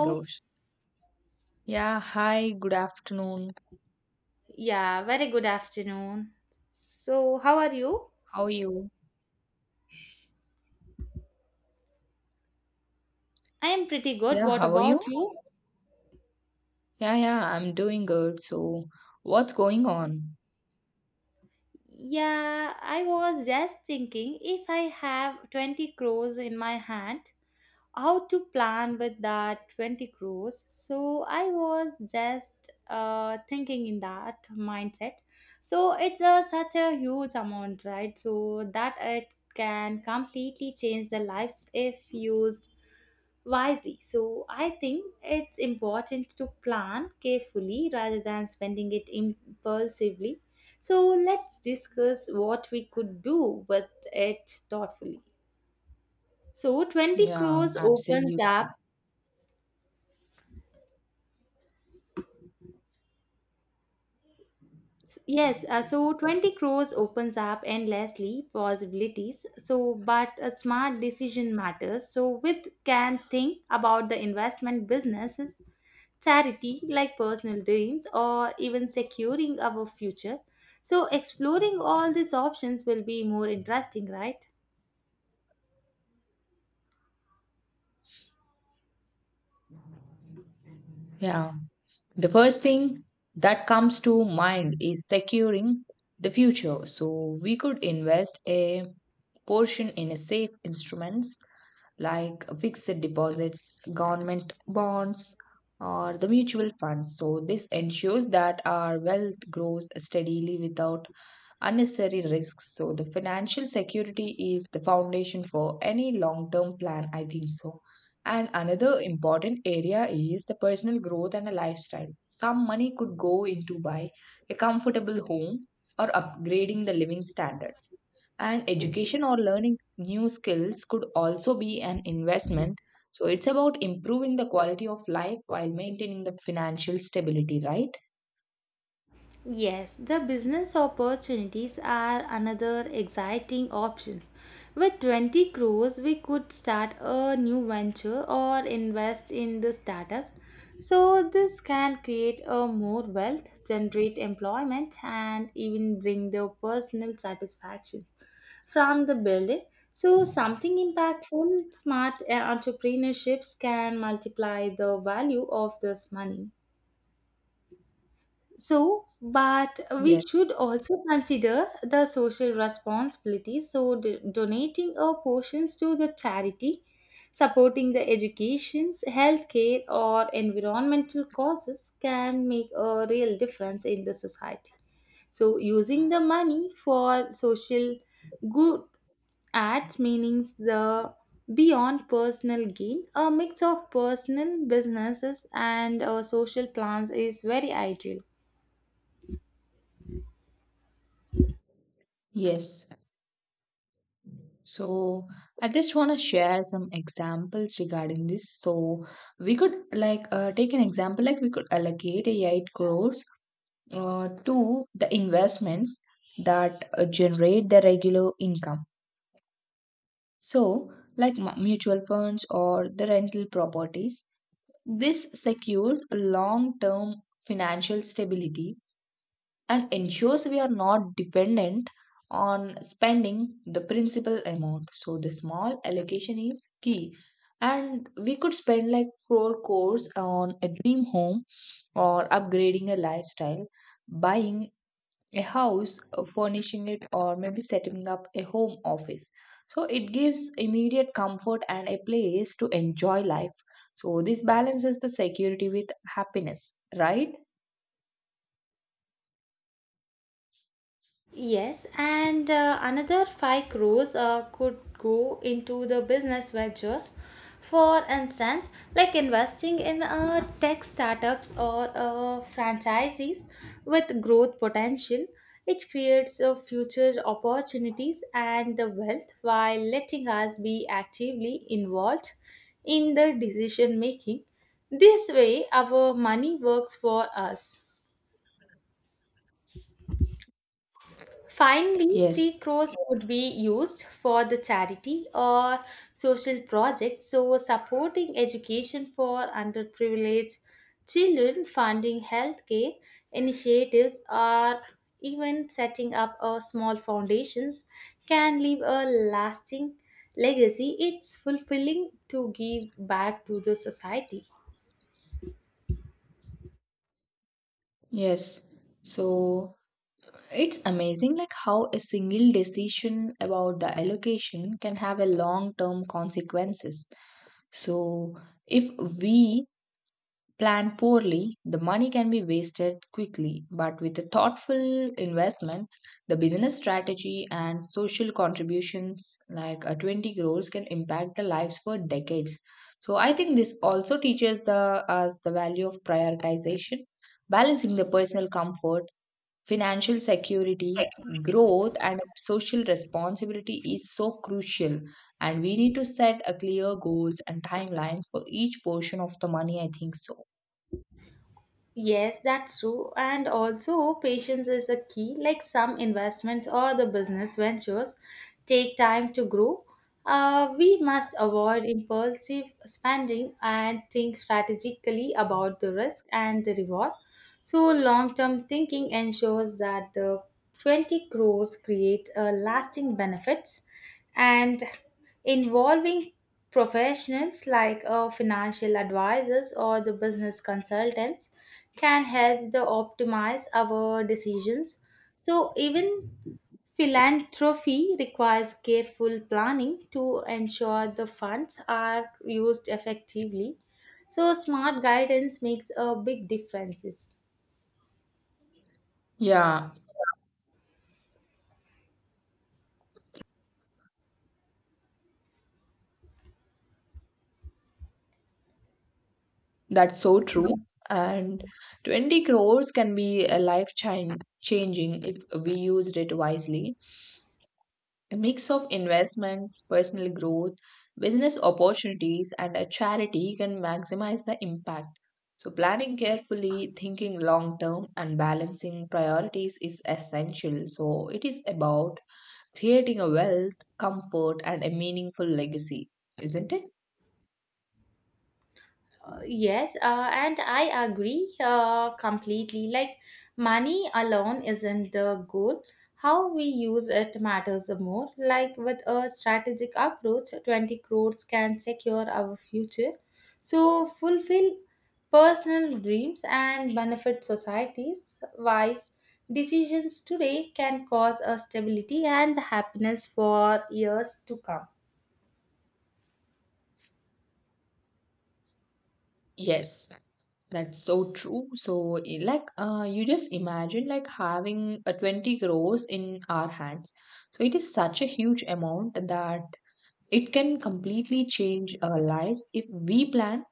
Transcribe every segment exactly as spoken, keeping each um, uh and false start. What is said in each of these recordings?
Oh, Grows. Yeah, hi, good afternoon. yeah, very good afternoon. So, how are you? How are you? I am pretty good. Yeah, What how are you? about you? Yeah, yeah, I'm doing good. So, what's going on? Yeah, I was just thinking if I have twenty crores in my hand, how to plan with that twenty crores. So I was just uh, thinking in that mindset. So it's a, such a huge amount, right? So that it can completely change the lives if used wisely. So I think it's important to plan carefully rather than spending it impulsively. So let's discuss what we could do with it thoughtfully. So twenty Yeah, crores opens absolutely. up— S- Yes, uh, so twenty crores opens up endlessly possibilities. So, but a smart decision matters. So, with can think about the investment businesses, charity like personal dreams, or even securing our future. So, exploring all these options will be more interesting, right? Yeah, the first thing that comes to mind is securing the future. So, we could invest a portion in a safe instruments like fixed deposits, government bonds, or the mutual funds. So, this ensures that our wealth grows steadily without unnecessary risks. So, the financial security is the foundation for any long term plan, I think so. And another important area is the personal growth and a lifestyle. Some money could go into buy a comfortable home or upgrading the living standards. And education or learning s- new skills could also be an investment. So it's about improving the quality of life while maintaining the financial stability, right? Yes, the business opportunities are another exciting option. With twenty crores, we could start a new venture or invest in the startups. So, this can create a more wealth, generate employment, and even bring the personal satisfaction from the building. So, something impactful, smart uh, entrepreneurships can multiply the value of this money. So, but we Yes. should also consider the social responsibility. So, d- donating our portions to the charity, supporting the educations, healthcare, or environmental causes can make a real difference in the society. So, using the money for social good acts means the beyond personal gain, a mix of personal businesses and uh, social plans is very ideal. Yes. So I just want to share some examples regarding this. So we could like uh, take an example like we could allocate a eight crores uh, to the investments that uh, generate the regular income. So like mu- mutual funds or the rental properties. This secures long-term financial stability and ensures we are not dependent on spending the principal amount. So the small allocation is key. And we could spend like four crores on a dream home or upgrading a lifestyle, buying a house, uh, furnishing it, or maybe setting up a home office. So it gives immediate comfort and a place to enjoy life. So this balances the security with happiness, right? Yes, and uh, another five crores uh, could go into the business ventures. For instance, like investing in uh, tech startups or uh, franchises with growth potential, it creates uh, future opportunities and the wealth while letting us be actively involved in the decision making. This way, our money works for us. Finally, Yes. three crores could be used for the charity or social projects, so supporting education for underprivileged children, funding healthcare initiatives, or even setting up a small foundations can leave a lasting legacy. It's fulfilling to give back to the society. Yes. So it's amazing like how a single decision about the allocation can have a long-term consequences. So if we plan poorly, the money can be wasted quickly, but with a thoughtful investment, the business strategy and social contributions like a twenty crores can impact the lives for decades. So I think this also teaches the us the value of prioritization balancing the personal comfort financial security, growth, and social responsibility is so crucial. And we need to set a clear goals and timelines for each portion of the money. I think so. Yes, that's true. And also, patience is a key. Like some investments or the business ventures take time to grow. Uh, we must avoid impulsive spending and think strategically about the risk and the reward. So, long term thinking ensures that the twenty crores create a lasting benefits, and involving professionals like uh, financial advisors or the business consultants can help the optimize our decisions. So even philanthropy requires careful planning to ensure the funds are used effectively. So smart guidance makes a big differences. Yeah, that's so true. And twenty crores can be a life chan- changing if we used it wisely. A mix of investments, personal growth, business opportunities, and a charity can maximize the impact. So, planning carefully, thinking long term, and balancing priorities is essential. So, it is about creating a wealth, comfort, and a meaningful legacy, isn't it? Uh, yes, uh, and I agree uh, completely. Like, money alone isn't the goal. How we use it matters more. Like, with a strategic approach, twenty crores can secure our future. So, fulfill personal dreams and benefit societies. Wise decisions today can cause a stability and happiness for years to come. Yes, that's so true. So, i- like, uh, you just imagine like having a twenty crores in our hands. So, it is such a huge amount that it can completely change our lives if we plan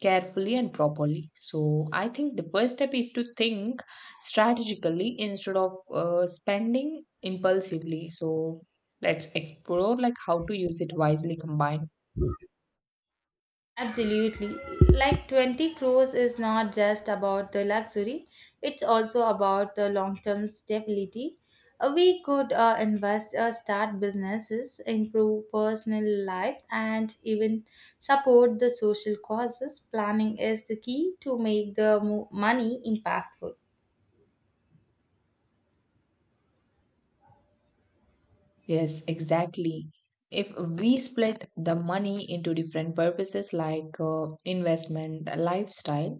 carefully and properly. So, I think the first step is to think strategically instead of uh, spending impulsively. So, let's explore like how to use it wisely combined. Absolutely. Like twenty crores is not just about the luxury, it's also about the long term stability. Uh, We could uh, invest, uh, start businesses, improve personal lives, and even support the social causes. Planning is the key to make the mo- money impactful. Yes, exactly. If we split the money into different purposes like uh, investment, lifestyle,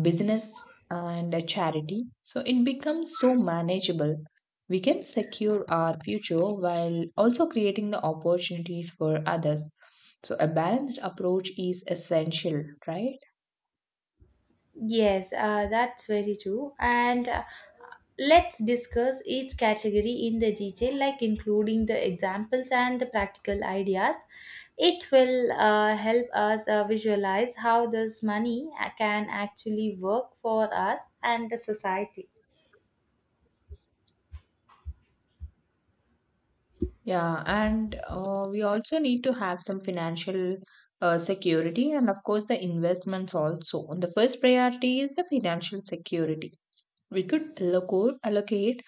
business and a charity, so it becomes so manageable. We can secure our future while also creating the opportunities for others. So a balanced approach is essential, right? Yes, uh, that's very true. And uh, let's discuss each category in the detail, like including the examples and the practical ideas. It will uh, help us uh, visualize how this money uh, can actually work for us and the society. Yeah, and uh, we also need to have some financial uh, security and of course the investments also. And the first priority is the financial security. We could alloco- allocate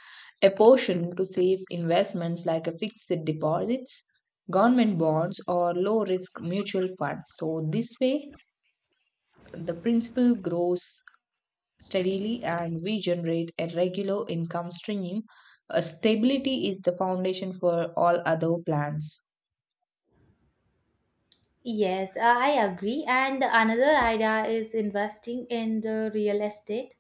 a portion to safe investments like a fixed deposits, government bonds, or low risk mutual funds. So, this way, the principal grows steadily and we generate a regular income stream. Uh, stability is the foundation for all other plans. Yes, uh, I agree. And another idea is investing in the real estate.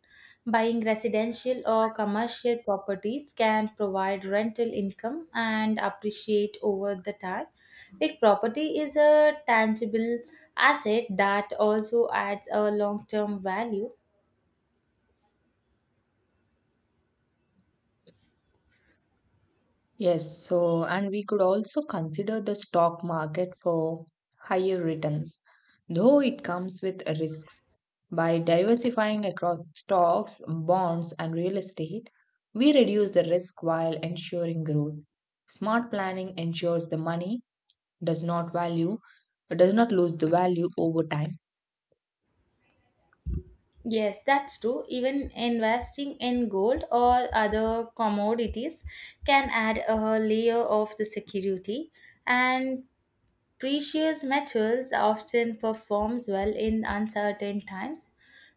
Buying residential or commercial properties can provide rental income and appreciate over the time. Like property is a tangible asset that also adds a long-term value. Yes, so and we could also consider the stock market for higher returns, though it comes with risks. By diversifying across stocks, bonds, and real estate, we reduce the risk while ensuring growth. Smart planning ensures the money does not value does not lose the value over time. Yes, that's true. Even investing in gold or other commodities can add a layer of the security, and precious metals often performs well in uncertain times.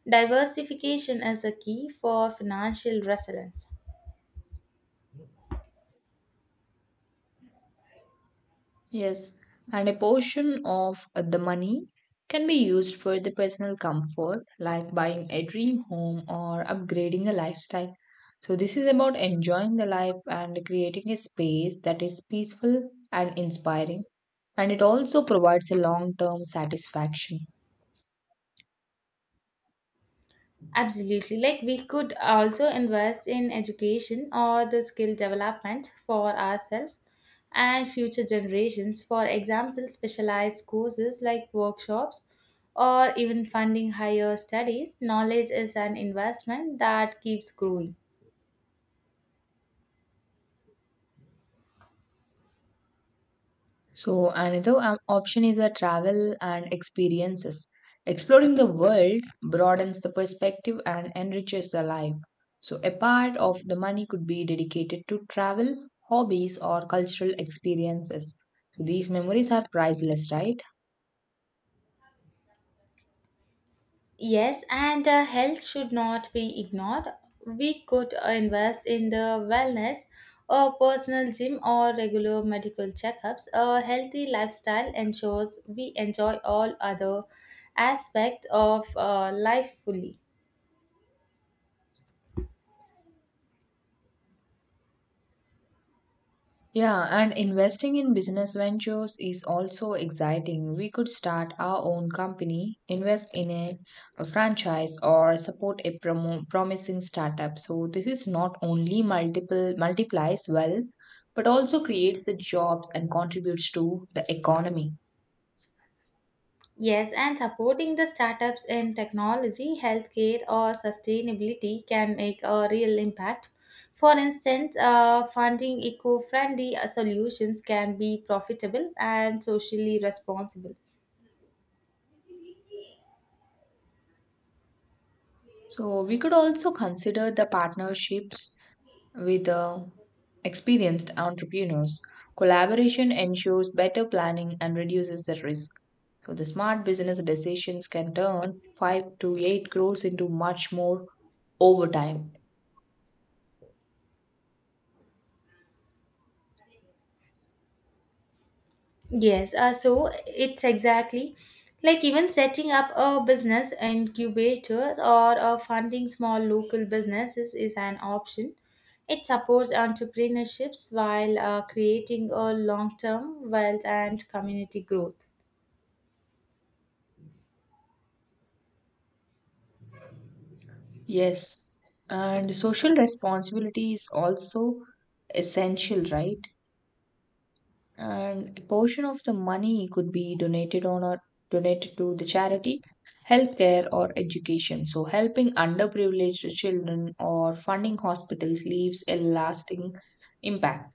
Diversification is a key for financial resilience. Yes, and a portion of uh, the money can be used for the personal comfort, like buying a dream home or upgrading a lifestyle. So, this is about enjoying the life and creating a space that is peaceful and inspiring, and it also provides a long term satisfaction. Absolutely. Like we could also invest in education or the skill development for ourselves and future generations. For example, specialized courses like workshops or even funding higher studies. Knowledge is an investment that keeps growing. So, another op- option is a travel and experiences. Exploring the world broadens the perspective and enriches the life. So, a part of the money could be dedicated to travel, hobbies, or cultural experiences. So, these memories are priceless, right? Yes, and uh, health should not be ignored. We could uh, invest in the wellness, a personal gym or regular medical checkups. A healthy lifestyle ensures we enjoy all other aspects of uh, life fully. Yeah, and investing in business ventures is also exciting. We could start our own company, invest in a, a franchise, or support a promo- promising startup. So this is not only multiple multiplies wealth, but also creates the jobs and contributes to the economy. Yes, and supporting the startups in technology, healthcare, or sustainability can make a real impact. For instance, uh, funding eco friendly solutions can be profitable and socially responsible. So we could also consider the partnerships with uh, experienced entrepreneurs. Collaboration ensures better planning and reduces the risk. So, the smart business decisions can turn five to eight crores into much more over time. Yes, uh, so it's exactly like even setting up a business incubator or uh, funding small local businesses is an option. It supports entrepreneurships while uh, creating a long term wealth and community growth. Yes, and social responsibility is also essential, right? And a portion of the money could be donated on or donated to the charity, healthcare, or education. So helping underprivileged children or funding hospitals leaves a lasting impact.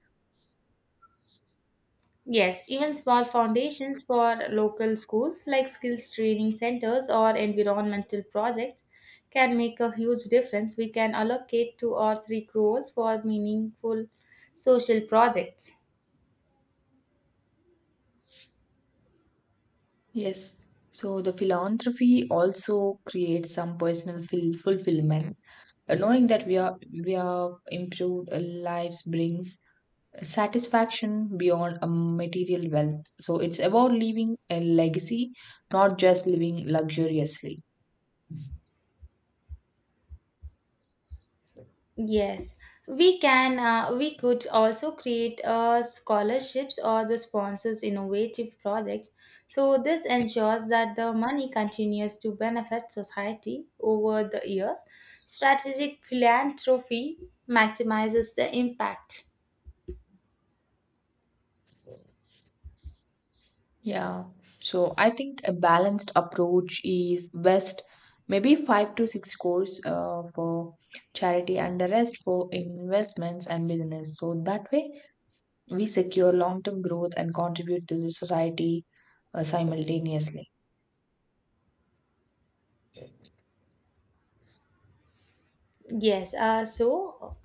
Yes, even small foundations for local schools like skills training centers or environmental projects can make a huge difference. We can allocate two or three crores for meaningful social projects. Yes. So the philanthropy also creates some personal fil- fulfillment. Uh, knowing that we are we have improved uh, lives brings satisfaction beyond a material wealth. So it's about leaving a legacy, not just living luxuriously. Yes, we can. Uh, we could also create uh, scholarships or the sponsors innovative project. So this ensures that the money continues to benefit society over the years. Strategic philanthropy maximizes the impact. Yeah. So I think a balanced approach is best. Maybe five to six crores uh, for charity and the rest for investments and business. So that way we secure long term growth and contribute to the society uh, simultaneously. Yes, uh, so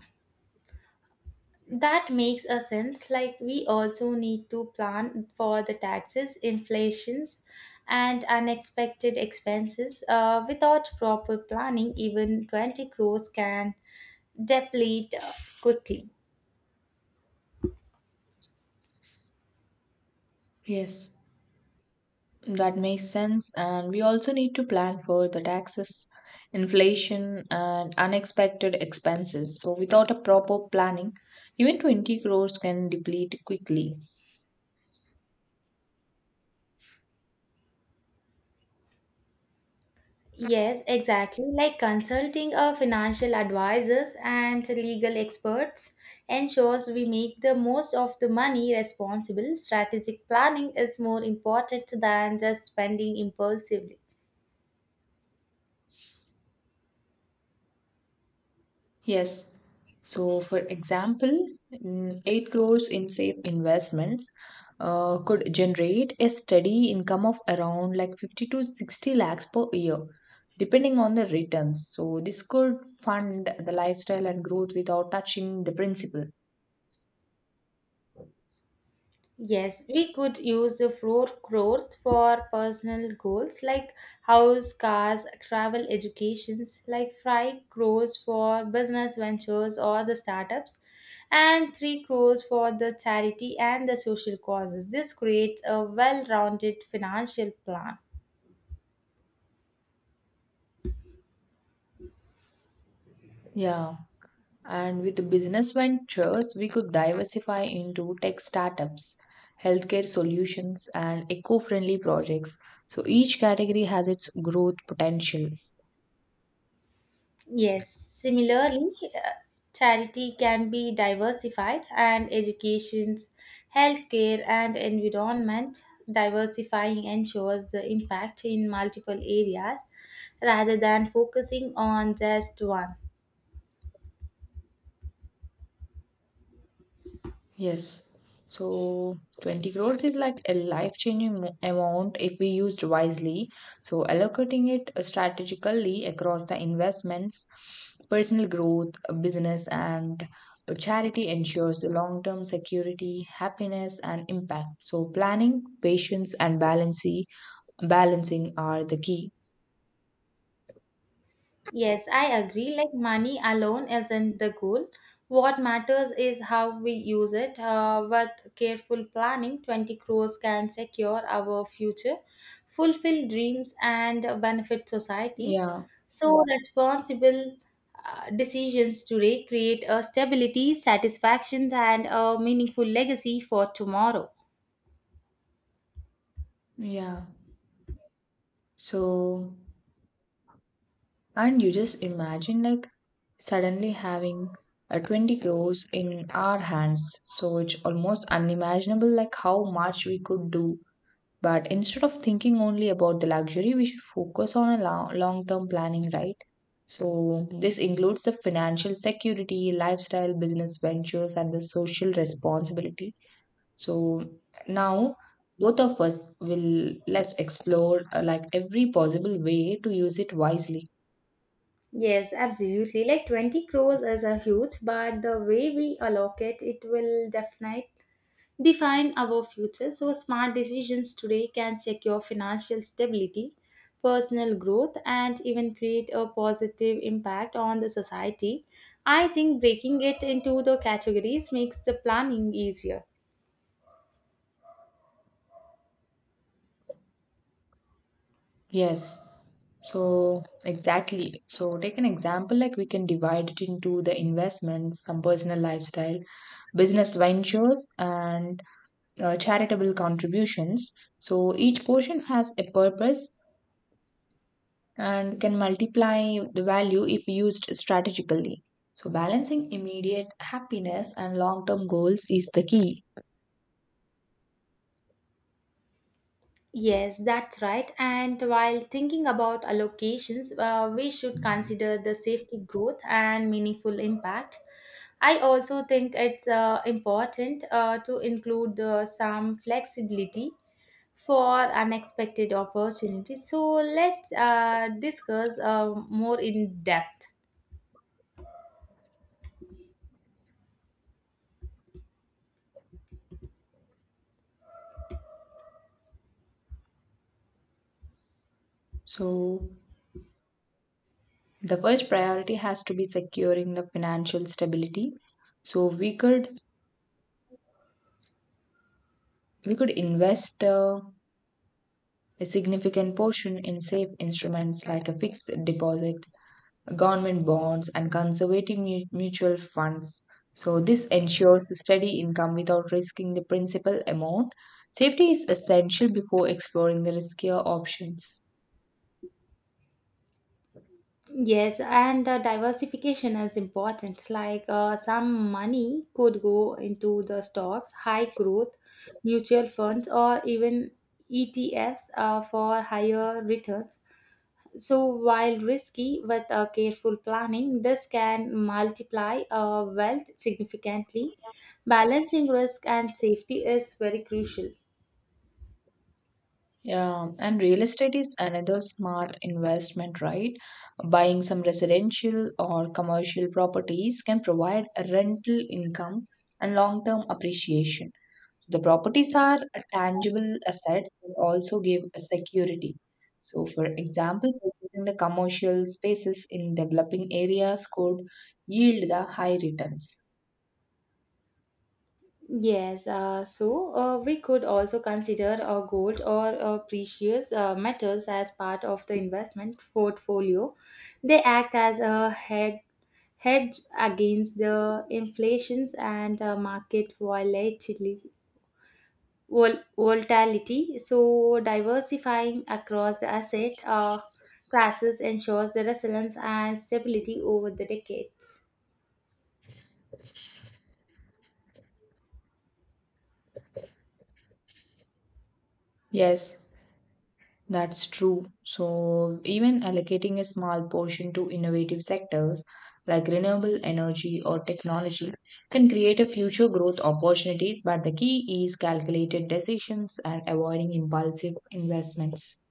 that makes a sense. Like we also need to plan for the taxes, inflations, and unexpected expenses. Uh, without proper planning, even twenty crores can deplete uh, quickly. Yes. That makes sense. And we also need to plan for the taxes, inflation, and unexpected expenses. So, without a proper planning, even twenty crores can deplete quickly. Yes, exactly. Like consulting our financial advisors and legal experts ensures we make the most of the money responsible. Strategic planning is more important than just spending impulsively. Yes. So, for example, mm, eight crores in safe investments uh, could generate a steady income of around like fifty to sixty lakhs per year, depending on the returns. So, this could fund the lifestyle and growth without touching the principal. Yes, we could use the four crores for personal goals like house, cars, travel, educations, like five crores for business ventures or the startups, and three crores for the charity and the social causes. This creates a well-rounded financial plan. Yeah. And with business ventures, we could diversify into tech startups, healthcare solutions, and eco friendly projects. So each category has its growth potential. Yes, similarly, uh, charity can be diversified, and education's healthcare and environment, diversifying ensures the impact in multiple areas rather than focusing on just one. Yes. So twenty crores is like a life-changing mo- amount if we used wisely. So allocating it strategically across the investments, personal growth, business, and charity ensures the long-term security, happiness, and impact. So planning, patience, and balancing balancing are the key. Yes, I agree. Like money alone isn't the goal. What matters is how we use it. Uh, with careful planning, twenty crores can secure our future, fulfill dreams, and benefit societies. Yeah, So, yeah, responsible uh, decisions today create a stability, satisfaction, and a meaningful legacy for tomorrow. yeah. So and you just imagine like suddenly having uh, twenty crores in our hands. So it's almost unimaginable like how much we could do. But instead of thinking only about the luxury, we should focus on a long-term planning, right? So this includes the financial security, lifestyle, business ventures, and the social responsibility. So now both of us will let's explore uh, like every possible way to use it wisely. Yes, absolutely. Like twenty crores is a huge, but the way we allocate it will definitely define our future. So smart decisions today can secure financial stability, personal growth, and even create a positive impact on the society. I think breaking it into the categories makes the planning easier. Yes. So, exactly. So, take an example like we can divide it into the investments, some personal lifestyle, business ventures, and uh, charitable contributions. So, each portion has a purpose and can multiply the value if used strategically. So, balancing immediate happiness and long term goals is the key. Yes, that's right. And while thinking about allocations, uh, we should consider the safety growth and meaningful impact. I also think it's uh, important uh, to include uh, some flexibility for unexpected opportunities. So let's uh, discuss uh, more in depth. So, the first priority has to be securing the financial stability. So, we could we could invest uh, a significant portion in safe instruments like a fixed deposit, government bonds, and conservative mu- mutual funds. So, this ensures the steady income without risking the principal amount. Safety is essential before exploring the riskier options. Yes, and uh, diversification is important. Like uh, some money could go into the stocks, high growth, mutual funds, or even E T Fs uh, for higher returns. So, while risky with a careful planning, this can multiply uh, wealth significantly. Balancing risk and safety is very crucial. Yeah, and real estate is another smart investment, right? Buying some residential or commercial properties can provide a rental income and long term appreciation. The properties are tangible assets that also give a security. So, for example, purchasing the commercial spaces in developing areas could yield the high returns. Yes, uh, so uh, we could also consider uh, gold or uh, precious uh, metals as part of the investment portfolio. They act as a head, hedge against the inflations and uh, market volatility. Vol- volatility. So diversifying across the asset uh, classes ensures the resilience and stability over the decades. Yes, that's true. So, even allocating a small portion to innovative sectors like renewable energy or technology can create a future growth opportunities, but the key is calculated decisions and avoiding impulsive investments.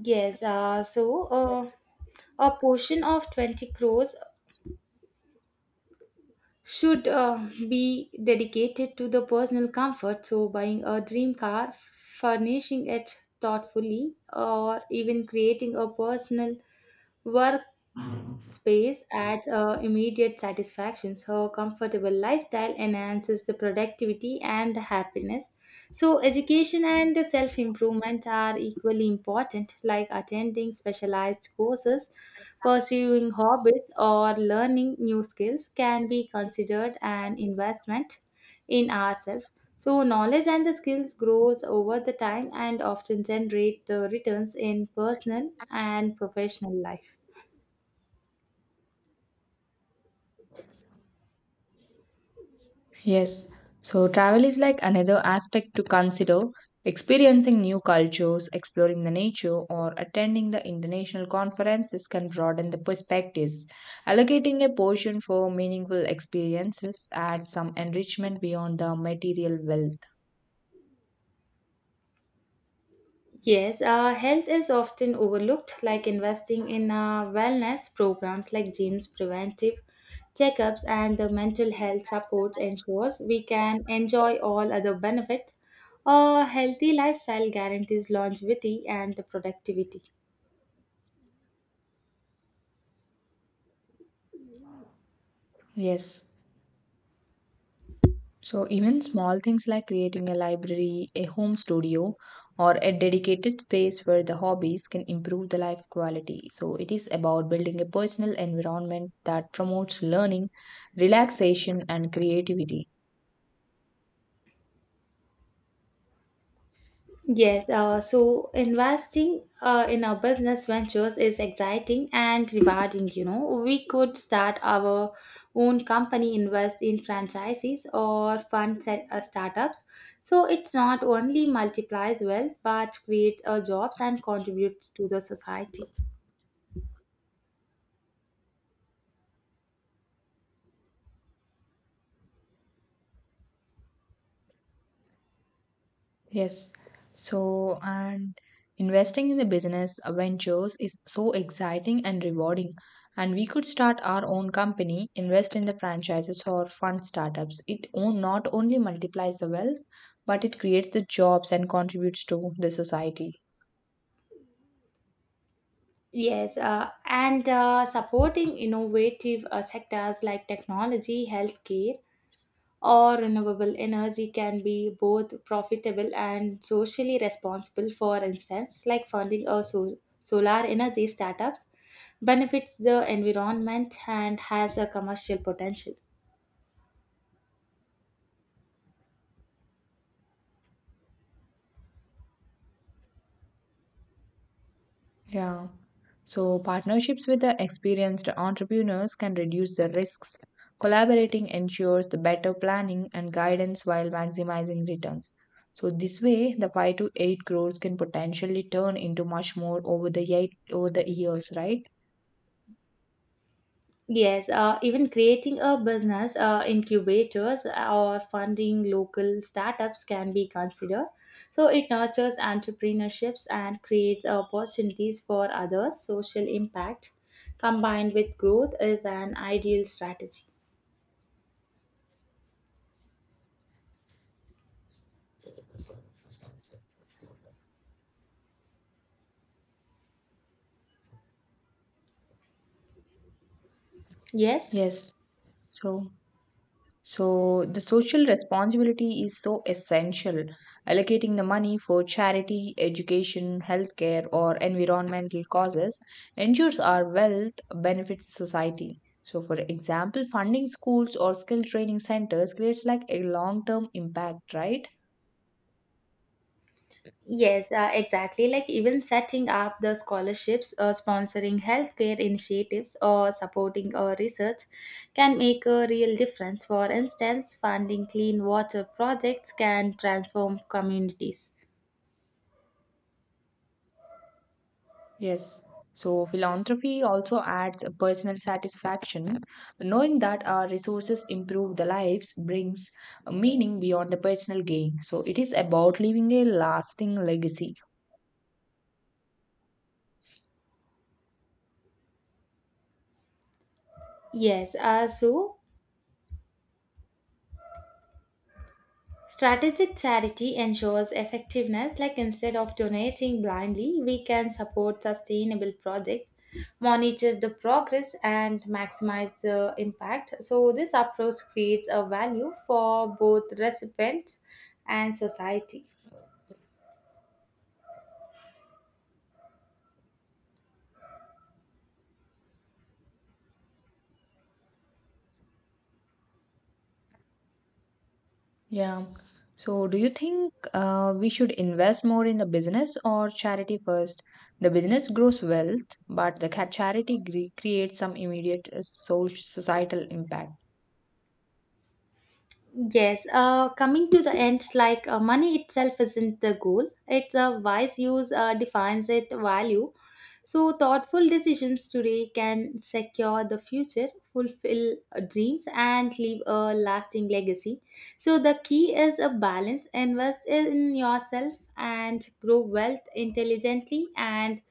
Yes, uh, so uh, a portion of twenty crores should uh, be dedicated to the personal comfort. So, buying a dream car, furnishing it thoughtfully, or even creating a personal work space adds uh, immediate satisfaction. So comfortable lifestyle enhances the productivity and the happiness. So education and the self-improvement are equally important, like attending specialized courses, pursuing hobbies, or learning new skills can be considered an investment in ourselves. So knowledge and the skills grows over the time and often generate the returns in personal and professional life. Yes, so travel is like another aspect to consider. Experiencing new cultures, exploring the nature, or attending the international conferences can broaden the perspectives. Allocating a portion for meaningful experiences adds some enrichment beyond the material wealth. Yes, uh, health is often overlooked, like investing in uh, wellness programs like gyms, preventive checkups, and the mental health supports ensures we can enjoy all other benefits. A healthy lifestyle guarantees longevity and the productivity. Yes. So, even small things like creating a library, a home studio, or a dedicated space where the hobbies can improve the life quality. So, it is about building a personal environment that promotes learning, relaxation, and creativity. Yes, uh, so investing uh, in our business ventures is exciting and rewarding. You know, we could start our own company, invest in franchises or fund set, uh, startups. So it's not only multiplies wealth but creates uh, jobs and contributes to the society. Yes. So, and investing in the business uh, ventures is so exciting and rewarding. And we could start our own company, invest in the franchises or fund startups. It o- not only multiplies the wealth, but it creates the jobs and contributes to the society. Yes, uh, and uh, supporting innovative uh, sectors like technology, healthcare, or renewable energy can be both profitable and socially responsible. For instance, like funding a so- solar energy startups benefits the environment and has a commercial potential. Yeah. So, partnerships with the experienced entrepreneurs can reduce the risks. Collaborating ensures the better planning and guidance while maximizing returns. So, this way, the five to eight crores can potentially turn into much more over the, eight, over the years, right? Yes, uh, even creating a business uh, incubators or funding local startups can be considered. So it nurtures entrepreneurships and creates opportunities for others. Social impact combined with growth is an ideal strategy. Yes, Yes. So, so the social responsibility is so essential. Allocating the money for charity, education, healthcare, or environmental causes ensures our wealth benefits society. So, for example, funding schools or skill training centers creates like a long term impact, right? yes, uh, exactly. Like even setting up the scholarships, uh, sponsoring healthcare initiatives, or supporting uh, research can make a real difference. For instance, funding clean water projects can transform communities. Yes. So philanthropy also adds a personal satisfaction. Knowing that our resources improve the lives brings a meaning beyond the personal gain. So it is about leaving a lasting legacy. Yes, uh, so strategic charity ensures effectiveness, like instead of donating blindly, we can support sustainable projects, monitor the progress, and maximize the impact. So, this approach creates a value for both recipients and society. Yeah. So do you think uh, we should invest more in the business or charity first? The business grows wealth, but the ca- charity gre- creates some immediate uh, social societal impact. Yes, uh, coming to the end, like uh, money itself isn't the goal, it's a wise use uh, defines its value. So, thoughtful decisions today can secure the future, fulfill uh, dreams, and leave a lasting legacy. So, the key is a balance: invest in yourself and grow wealth intelligently, and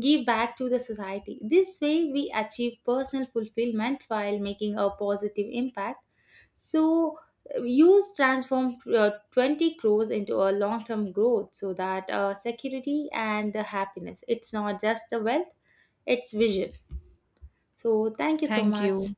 give back to the society. This way, we achieve personal fulfillment while making a positive impact. So, use transform uh, twenty crores into a long term growth so that uh, security and the happiness. It's not just the wealth, its visual. So, thank you so Thank much. you.